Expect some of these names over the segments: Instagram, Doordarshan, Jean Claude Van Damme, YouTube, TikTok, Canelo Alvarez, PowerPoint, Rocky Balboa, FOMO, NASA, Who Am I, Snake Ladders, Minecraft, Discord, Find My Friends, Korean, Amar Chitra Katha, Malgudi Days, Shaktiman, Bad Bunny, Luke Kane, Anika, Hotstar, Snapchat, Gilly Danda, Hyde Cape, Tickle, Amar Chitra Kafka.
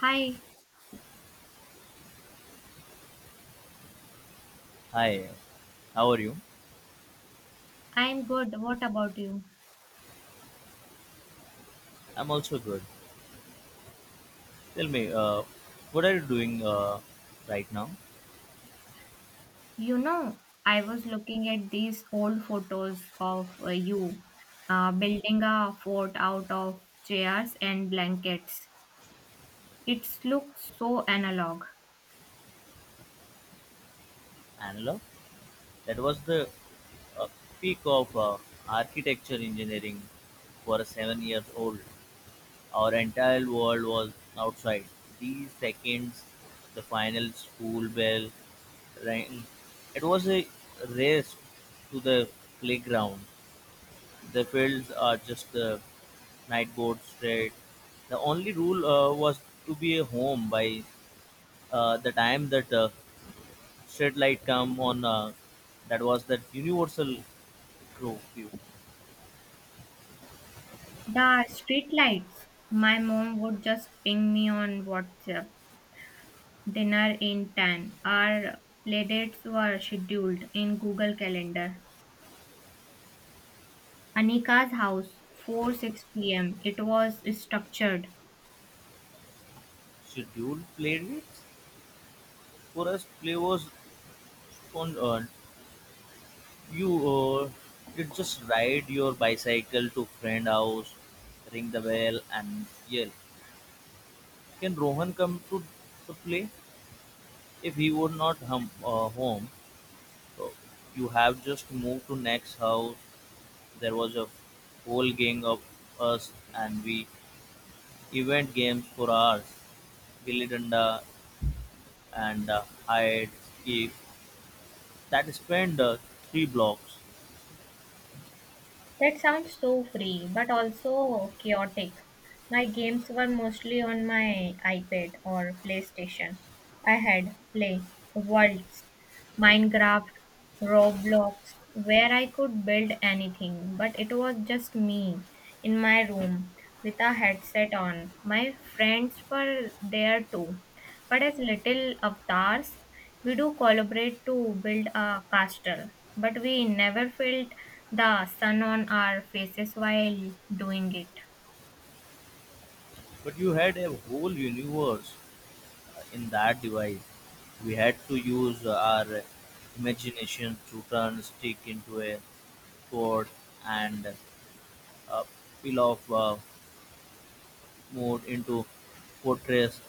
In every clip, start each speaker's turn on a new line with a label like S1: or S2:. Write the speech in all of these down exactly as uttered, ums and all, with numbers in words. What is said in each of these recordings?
S1: Hi,
S2: Hi, how are you?
S1: I'm good. What about you?
S2: I'm also good. Tell me, uh, what are you doing uh, right now?
S1: You know, I was looking at these old photos of uh, you uh, building a fort out of chairs and blankets. It looks so analog.
S2: Analog? That was the uh, peak of uh, architecture engineering for a seven years old. Our entire world was outside. These seconds, the final school bell rang. It was a race to the playground. The fields are just the night board straight. The only rule uh, was to be home by uh, the time that uh, shed light come on uh, that was that universal crow view
S1: The street lights. My mom would just ping me on WhatsApp. Dinner in ten. Our playdates were scheduled in Google Calendar. Anika's house, four six p m. It was structured.
S2: schedule played it for us players on uh, you uh, did just ride your bicycle to friend house, ring the bell and yell, can rohan come to the play if he were not hum, uh, home uh, you have just moved to next house. There was a whole gang of us and we event games for hours Gilly Danda, and uh, Hyde Cape that spanned uh, three blocks.
S1: That sounds so free, but also chaotic. My games were mostly on my iPad or PlayStation. I had Play, Worlds, Minecraft, Roblox, where I could build anything, but it was just me in my room with a headset on. My friends were there too, but as little avatars. We do collaborate to build a castle, but we never felt the sun on our faces while doing it.
S2: But you had a whole universe uh, in that device. We had to use uh, our imagination to turn stick into a sword and uh, peel off uh, mode into fortress.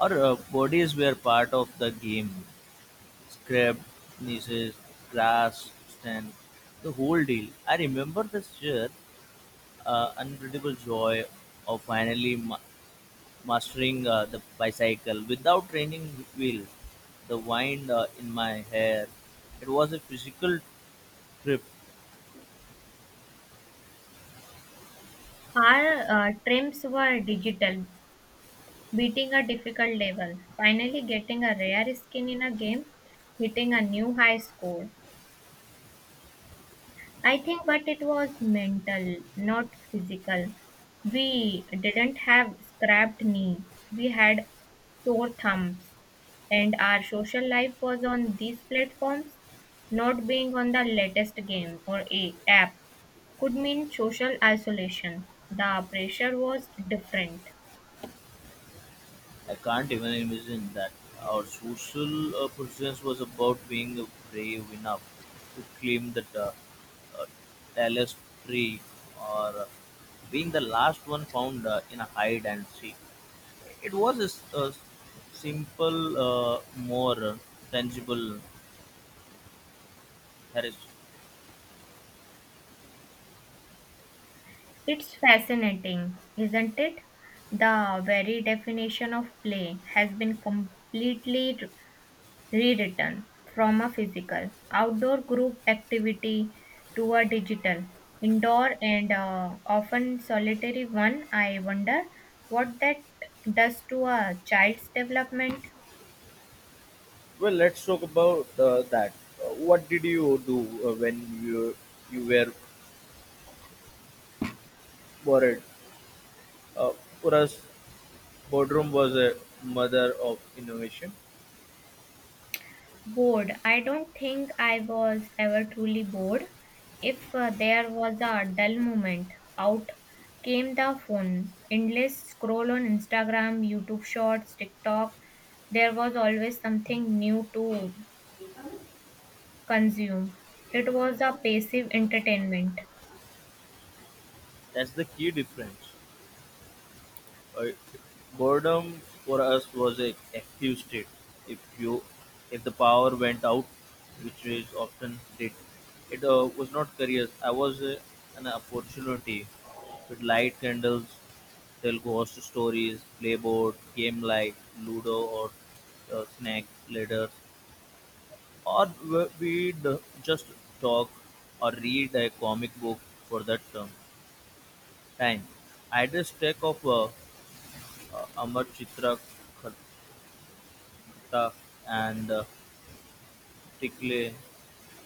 S2: Our uh, bodies were part of the game. Scrap, nieces, grass, stand, the whole deal. I remember this year uh, unbeatable joy of finally ma- mastering uh, the bicycle without training wheels, the wind uh, in my hair. It was a physical trip.
S1: Our uh, trims were digital, beating a difficult level, finally getting a rare skin in a game, hitting a new high score. I think, but it was mental, not physical. We didn't have scrapped knee. We had sore thumbs, and our social life was on these platforms. Not being on the latest game or a app could mean social isolation. The pressure was different.
S2: I can't even imagine that. Our social uh, presence was about being brave enough to climb the uh, uh, tallest tree or uh, being the last one found uh, in a hide and seek. It was a, s- a s- simple, uh, more tangible Harris.
S1: It's fascinating, isn't it? The very definition of play has been completely rewritten from a physical outdoor group activity to a digital indoor and uh, often solitary one. I wonder what that does to a child's development.
S2: Well, let's talk about uh, that. Uh, what did you do uh, when you you were worried? Uh, for us, boardroom was a mother of innovation.
S1: Bored? I don't think I was ever truly bored. If uh, there was a dull moment, out came the phone. Endless scroll on Instagram, YouTube shorts, TikTok. There was always something new to consume. It was a passive entertainment.
S2: That's the key difference. Uh, Boredom for us was a active state. If you, if the power went out, which is often did, it uh, was not careers. I was uh, an opportunity with light candles, tell ghost stories, play board game like Ludo or uh, Snake Ladders, or we- we'd just talk or read a comic book for that term, time. I had a stack of uh, uh, Amar Chitra Kafka and uh, Tickle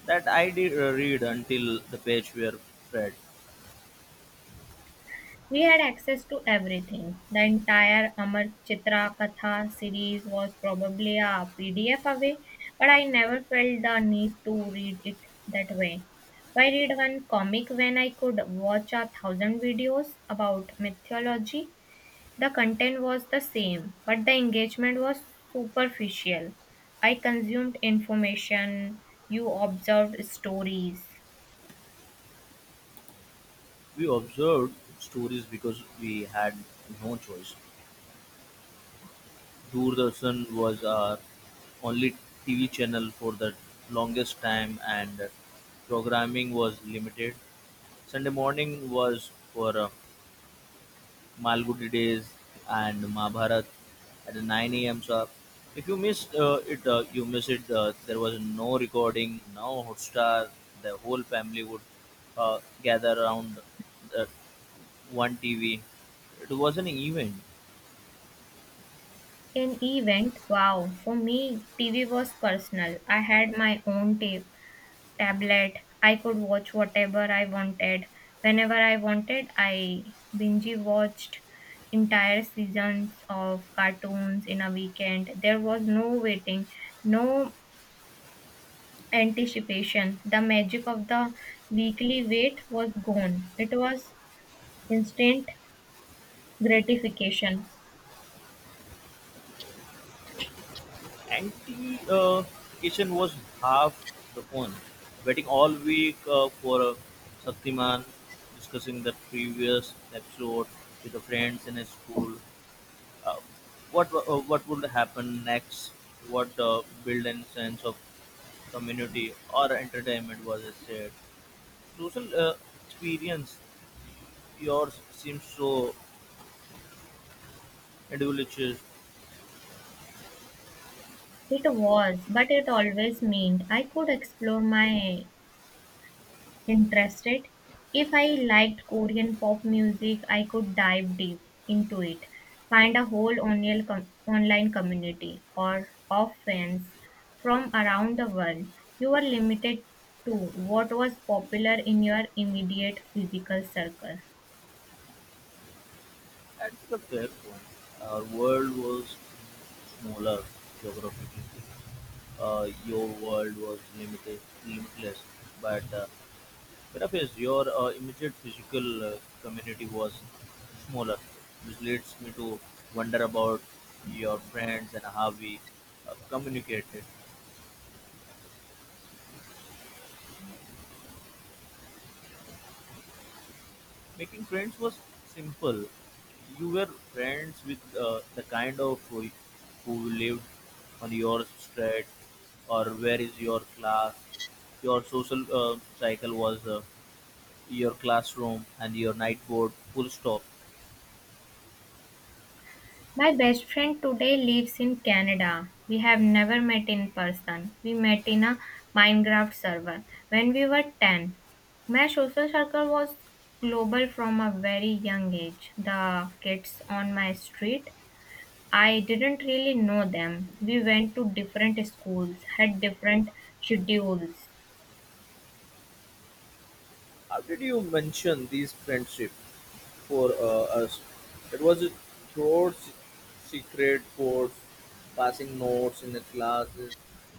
S2: that I did uh, read until the page where Fred.
S1: We had access to everything. The entire Amar Chitra Katha series was probably a P D F away, but I never felt the need to read it that way. Why read one comic when I could watch a thousand videos about mythology? The content was the same, but the engagement was superficial. I consumed information, you observed stories.
S2: We observed stories because we had no choice. Doordarshan was our only T V channel for the longest time, and programming was limited. Sunday morning was for uh, Malgudi Days and Mahabharat at nine a m sharp. If you missed uh, it, uh, you missed it. Uh, there was no recording, no Hotstar. The whole family would uh, gather around the one T V. It was an event.
S1: An event? Wow. For me, T V was personal. I had my own tape, tablet. I could watch whatever I wanted. Whenever I wanted, I binge watched entire seasons of cartoons in a weekend. There was no waiting, no anticipation. The magic of the weekly wait was gone. It was instant gratification.
S2: Anti uh, kitchen was half the fun. Waiting all week uh, for uh, Shaktiman, discussing the previous episode with the friends in his school, uh, what uh, what would happen next, what uh, build a sense of community or entertainment. Was it said social uh, experience? Yours seems so individual
S1: It was, but it always meant I could explore my Interested? If I liked Korean pop music, I could dive deep into it, find a whole online, com- online community or of fans from around the world. You were limited to what was popular in your immediate physical circle.
S2: at the fair point. Our world was smaller geographically, uh, your world was limited limitless, but uh, whereas your uh, immediate physical uh, community was smaller, which leads me to wonder about your friends and how we uh, communicated. Making friends was simple. You were friends with uh, the kind of who, who lived on your street or where is your class. Your social uh, cycle was uh, your classroom and your night board, full stop.
S1: My best friend today lives in Canada. We have never met in person. We met in a Minecraft server when we were ten. My social circle was global from a very young age. The kids on my street, I didn't really know them. We went to different schools, had different schedules.
S2: How did you mention these friendships? For uh, us. It was a throughout se- secret codes, passing notes in the classes,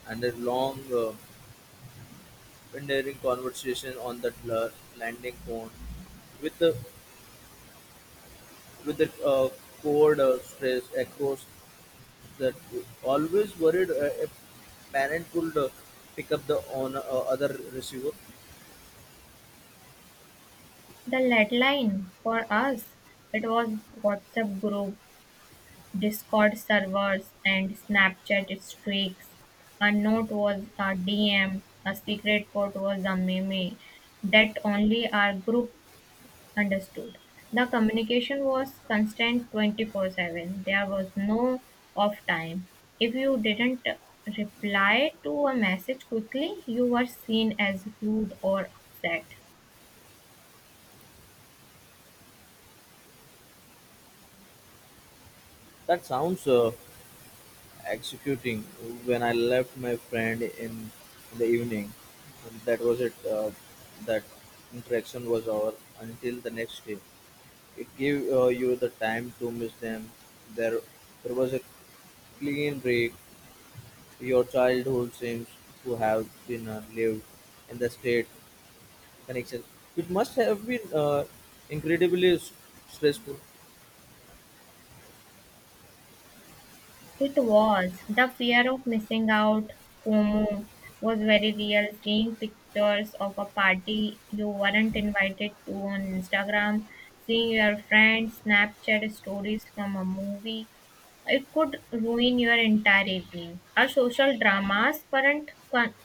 S2: and a long, uh, endearing conversation on the la- landing phone with the with the uh, code uh, stress across that always worried uh, a parent could uh, pick up the on uh, other receiver.
S1: The lead line for us, it was WhatsApp group, Discord servers and Snapchat streaks. A note was a D M, a secret code was a meme that only our group understood. The communication was constant twenty four seven. There was no off time. If you didn't reply to a message quickly, you were seen as rude or upset.
S2: That sounds uh, executing. When I left my friend in, the evening. That was it. Uh, that interaction was over until the next day. It gave uh, you the time to miss them. There, there was a clean break. Your childhood seems to have been uh, lived in the state connection. It must have been uh, incredibly s- stressful.
S1: It was. The fear of missing out, FOMO, was very real. Seeing pictures of a party you weren't invited to on Instagram, seeing your friends' Snapchat stories from a movie, it could ruin your entire evening. Our social dramas weren't con-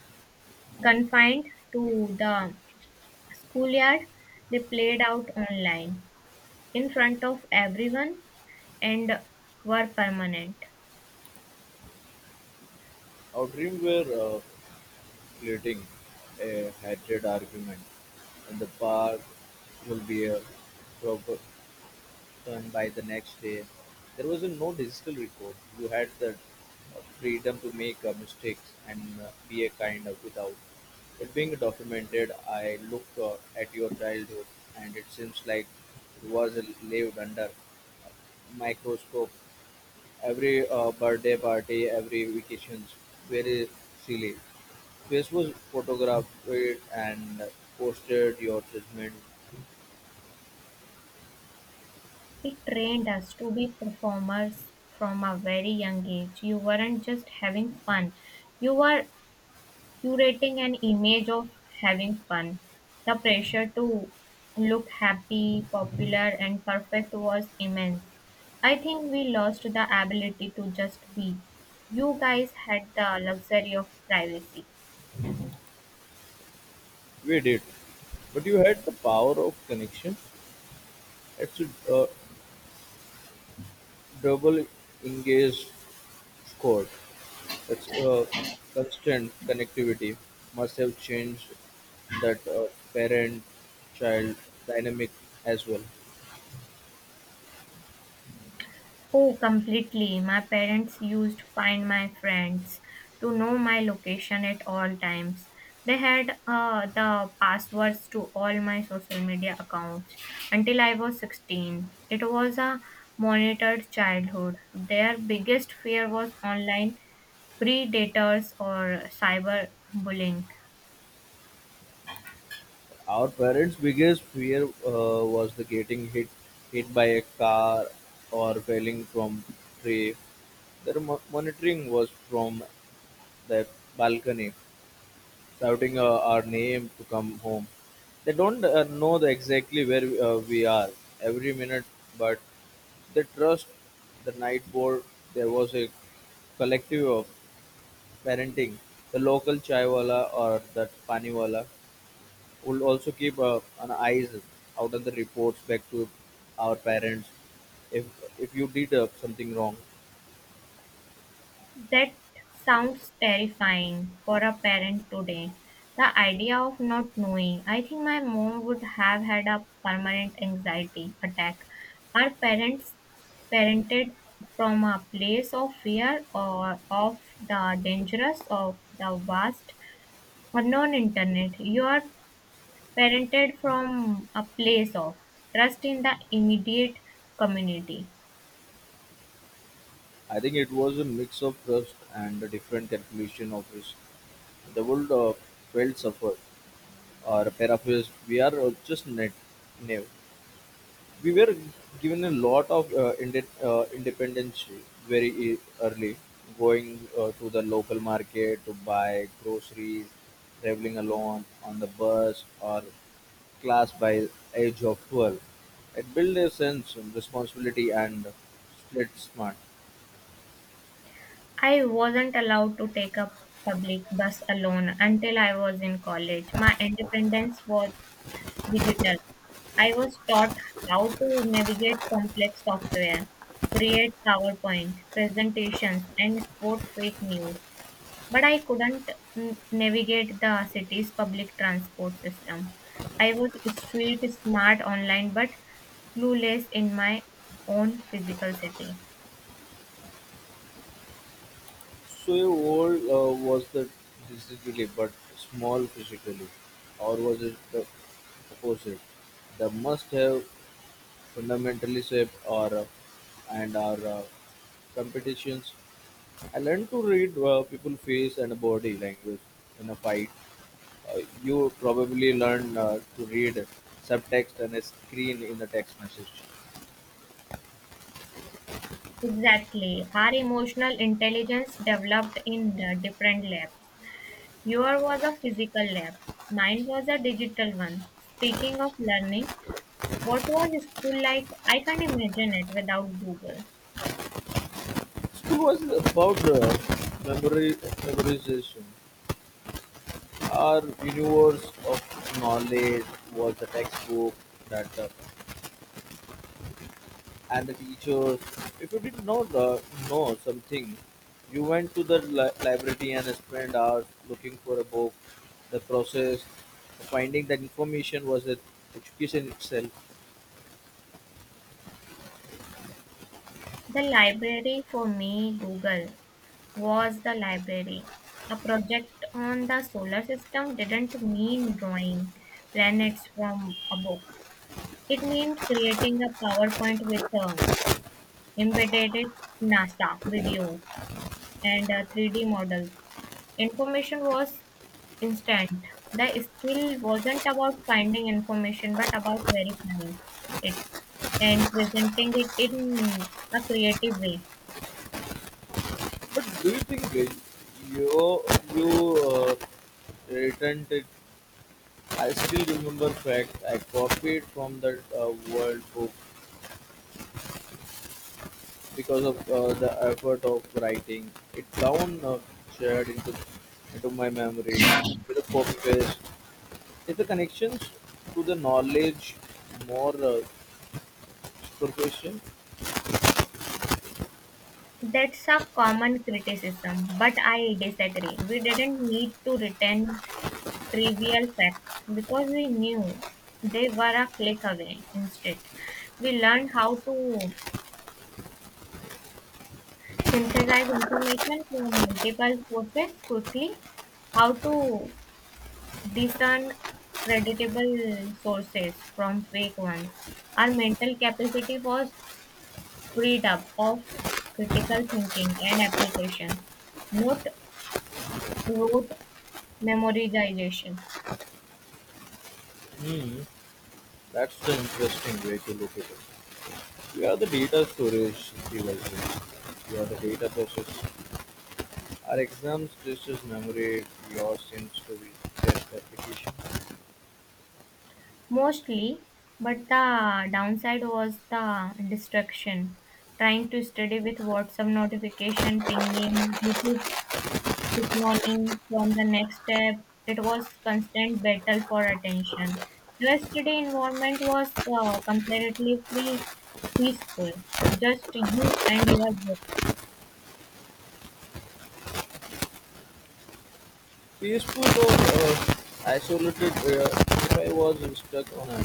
S1: confined to the schoolyard, they played out online in front of everyone and were permanent.
S2: Our dream were uh, pleading a hatred argument, and the bar will be uh, forgotten by the next day. There was a no digital record. You had the uh, freedom to make uh, mistakes and uh, be a kind of without it being documented. I look uh, at your childhood, and it seems like it was lived under microscope. Every uh, birthday party, every vacations, very silly. Facebook photographed it and posted your judgment.
S1: It trained us to be performers from a very young age. You weren't just having fun, you were curating an image of having fun. The pressure to look happy, popular, and perfect was immense. I think we lost the ability to just be. You guys had the luxury of privacy.
S2: We did. But you had the power of connection. It's a uh, double engaged score. It's uh, constant connectivity. Must have changed that uh, parent child dynamic as well.
S1: Oh, completely. My parents used to Find My Friends to know my location at all times. They had uh, the passwords to all my social media accounts until I was sixteen. It was a monitored childhood. Their biggest fear was online predators or cyber bullying.
S2: Our parents' biggest fear uh, was the getting hit hit by a car or falling from tree. Their mo- monitoring was from the balcony, shouting uh, our name to come home. They don't uh, know the exactly where uh, we are every minute, but they trust the night board. There was a collective of parenting. The local chaiwala or that paniwala will also keep uh, an eyes out on the reports back to our parents if if you did uh, something wrong.
S1: That sounds terrifying for a parent today. The idea of not knowing. I think my mom would have had a permanent anxiety attack. Our parents parented from a place of fear or of the dangerous of the vast or non-internet. You are parented from a place of trust in the immediate community.
S2: I think it was a mix of trust and a different calculation of risk. The world uh, felt suffered. Our therapists, we are uh, just net new. We were given a lot of uh, inde- uh, independence very e- early, going uh, to the local market to buy groceries, traveling alone on the bus or class by age of twelve. It built a sense of responsibility and split smart.
S1: I wasn't allowed to take a public bus alone until I was in college. My independence was digital. I was taught how to navigate complex software, create PowerPoint presentations, and spot fake news. But I couldn't n- navigate the city's public transport system. I was street smart online but clueless in my own physical city.
S2: Swaywold uh, was the decisively but small physically, or was it the opposite? The must-have fundamentally shape our uh, and our uh, competitions. I learned to read uh, people's face and body language in a fight. Uh, you probably learn uh, to read subtext and a screen in a text message.
S1: Exactly. Her emotional intelligence developed in the different labs. Your was a physical lab, mine was a digital one. Speaking of learning, what was school like? I can't imagine it without Google.
S2: School was about uh, memory memorization. Our universe of knowledge was the textbook that uh, and the teachers. If you did not uh, know something, you went to the li- library and spent hours looking for a book. The process of finding that information was the education itself.
S1: The library for me, Google, was the library. A project on the solar system didn't mean drawing planets from a book. It meant creating a PowerPoint with um, embedded NASA videos, and uh, three D models. Information was instant. The skill wasn't about finding information but about verifying it and presenting it in a creative way.
S2: But do you think uh, you you uh, returned it? I still remember fact I copied from that uh, world book because of uh, the effort of writing it down uh, shared into into my memory with a copy paste. If the connections to the knowledge more uh, superficial,
S1: That's a common criticism, but I disagree. We didn't need to retain trivial facts because we knew they were a click away. Instead, we learned how to synthesize information from multiple sources quickly, how to discern creditable sources from fake ones. Our mental capacity was freed up of critical thinking and application, not rote memorization.
S2: hmm, that's the interesting way to look at it. We are the data storage devices. We are the data process. Our exams just as memory. Yours seems to be just application.
S1: Mostly, but the downside was the distraction. Trying to study with WhatsApp notification pinging, YouTube Declining from the next step, it was constant battle for attention. Yesterday environment was uh, comparatively peaceful, just you and your book.
S2: Peaceful or uh, isolated uh, if I was stuck on a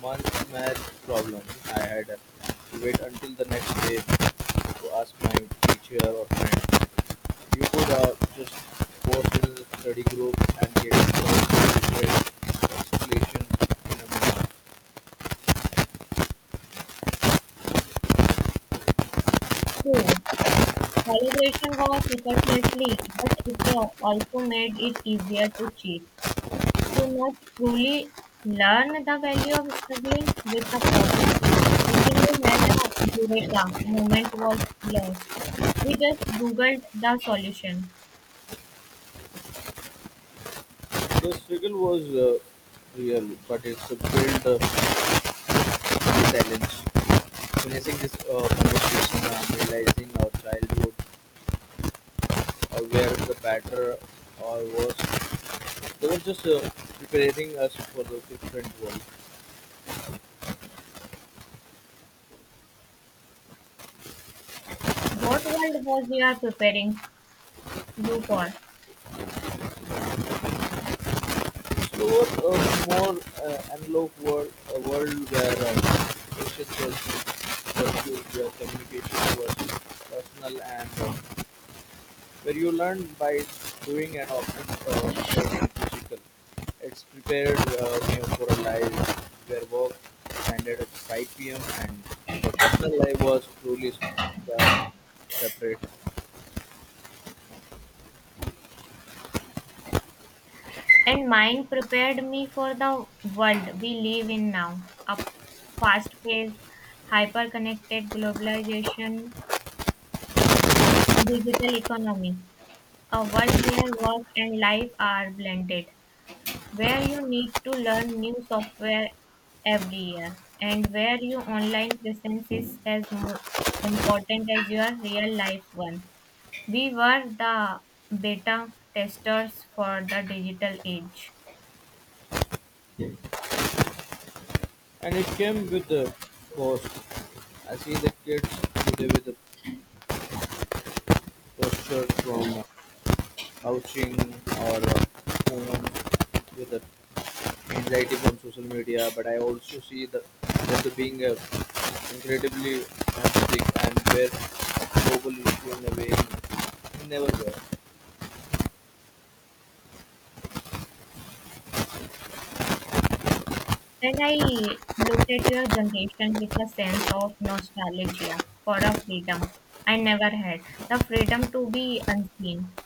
S2: month math problem. I had to wait until the next day to ask my teacher or friend. You could uh, just post in the study group and get different explanation in a minute.
S1: True, collaboration was effortlessly, but it uh, also made it easier to cheat, to not truly learn. The value of struggling with a problem until you had a eureka moment was lost. We just googled the solution.
S2: The struggle was uh, real, but it's a built uh, resilience. Finishing this uh, conversation, I'm realizing our childhood uh, where the batter uh, was they were just uh, preparing us for the different world.
S1: What world was you are preparing you for?
S2: Slower, uh, more uh, analog world, a world where uh, patience was uh, communication was personal, and uh, where you learn by doing and often uh, learning physical. It's prepared uh, you know, for a life where work ended at five p m and the personal life was truly uh, separate.
S1: And mine prepared me for the world we live in now. A fast paced, hyper connected globalization, digital economy. A world where work and life are blended, where you need to learn new software every year, and where your online presence is as mo- important as your real life one. We were the beta testers for the digital age.
S2: And it came with the cost. I see the kids today with a posture from uh, housing or uh, phone with the anxiety from social media, but I also see the that the being a incredibly empathic and where global issue in a way never were.
S1: And I look at your generation with a sense of nostalgia for a freedom I never had. The freedom to be unseen,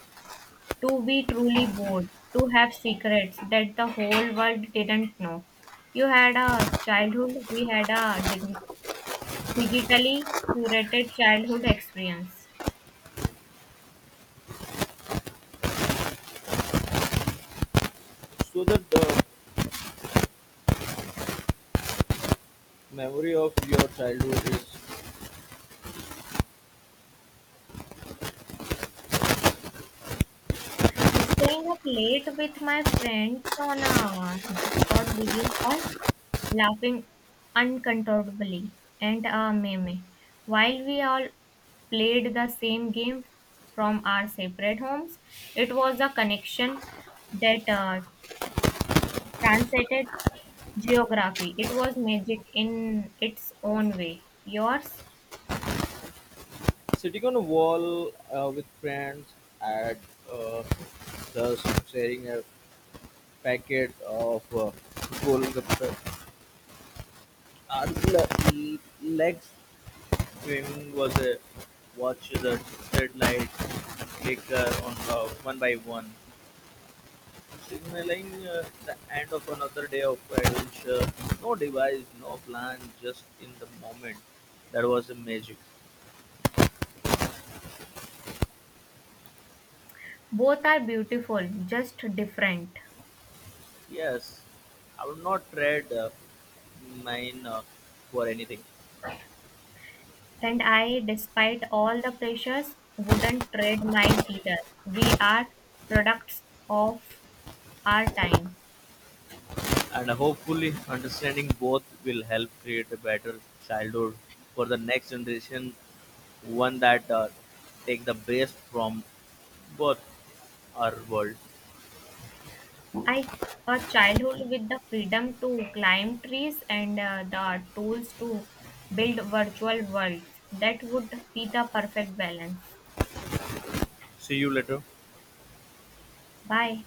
S1: to be truly bored, to have secrets that the whole world didn't know. You had a childhood, we had a dig- digitally curated childhood experience.
S2: So that the memory of your childhood is
S1: Staying up late with my friends on a Discord video call, laughing uncontrollably, and a meme. While we all played the same game from our separate homes, it was a connection that uh, transcended geography. It was magic in its own way. Yours,
S2: sitting on a wall uh, with friends at uh, thus sharing a packet of uh, Kolkata. Our le- next thing was uh, watch the street lights flicker on uh, one by one, signaling uh, the end of another day of adventure. No device, no plan, just in the moment. That was the magic.
S1: both are beautiful, just different.
S2: Yes, I would not trade uh, mine uh, for anything.
S1: And I, despite all the pressures, wouldn't trade mine either. We are products of our time.
S2: And hopefully understanding both will help create a better childhood for the next generation, one that uh, take the best from both our world.
S1: I a childhood with the freedom to climb trees and uh, the tools to build virtual worlds. That would be the perfect balance.
S2: See you later.
S1: Bye.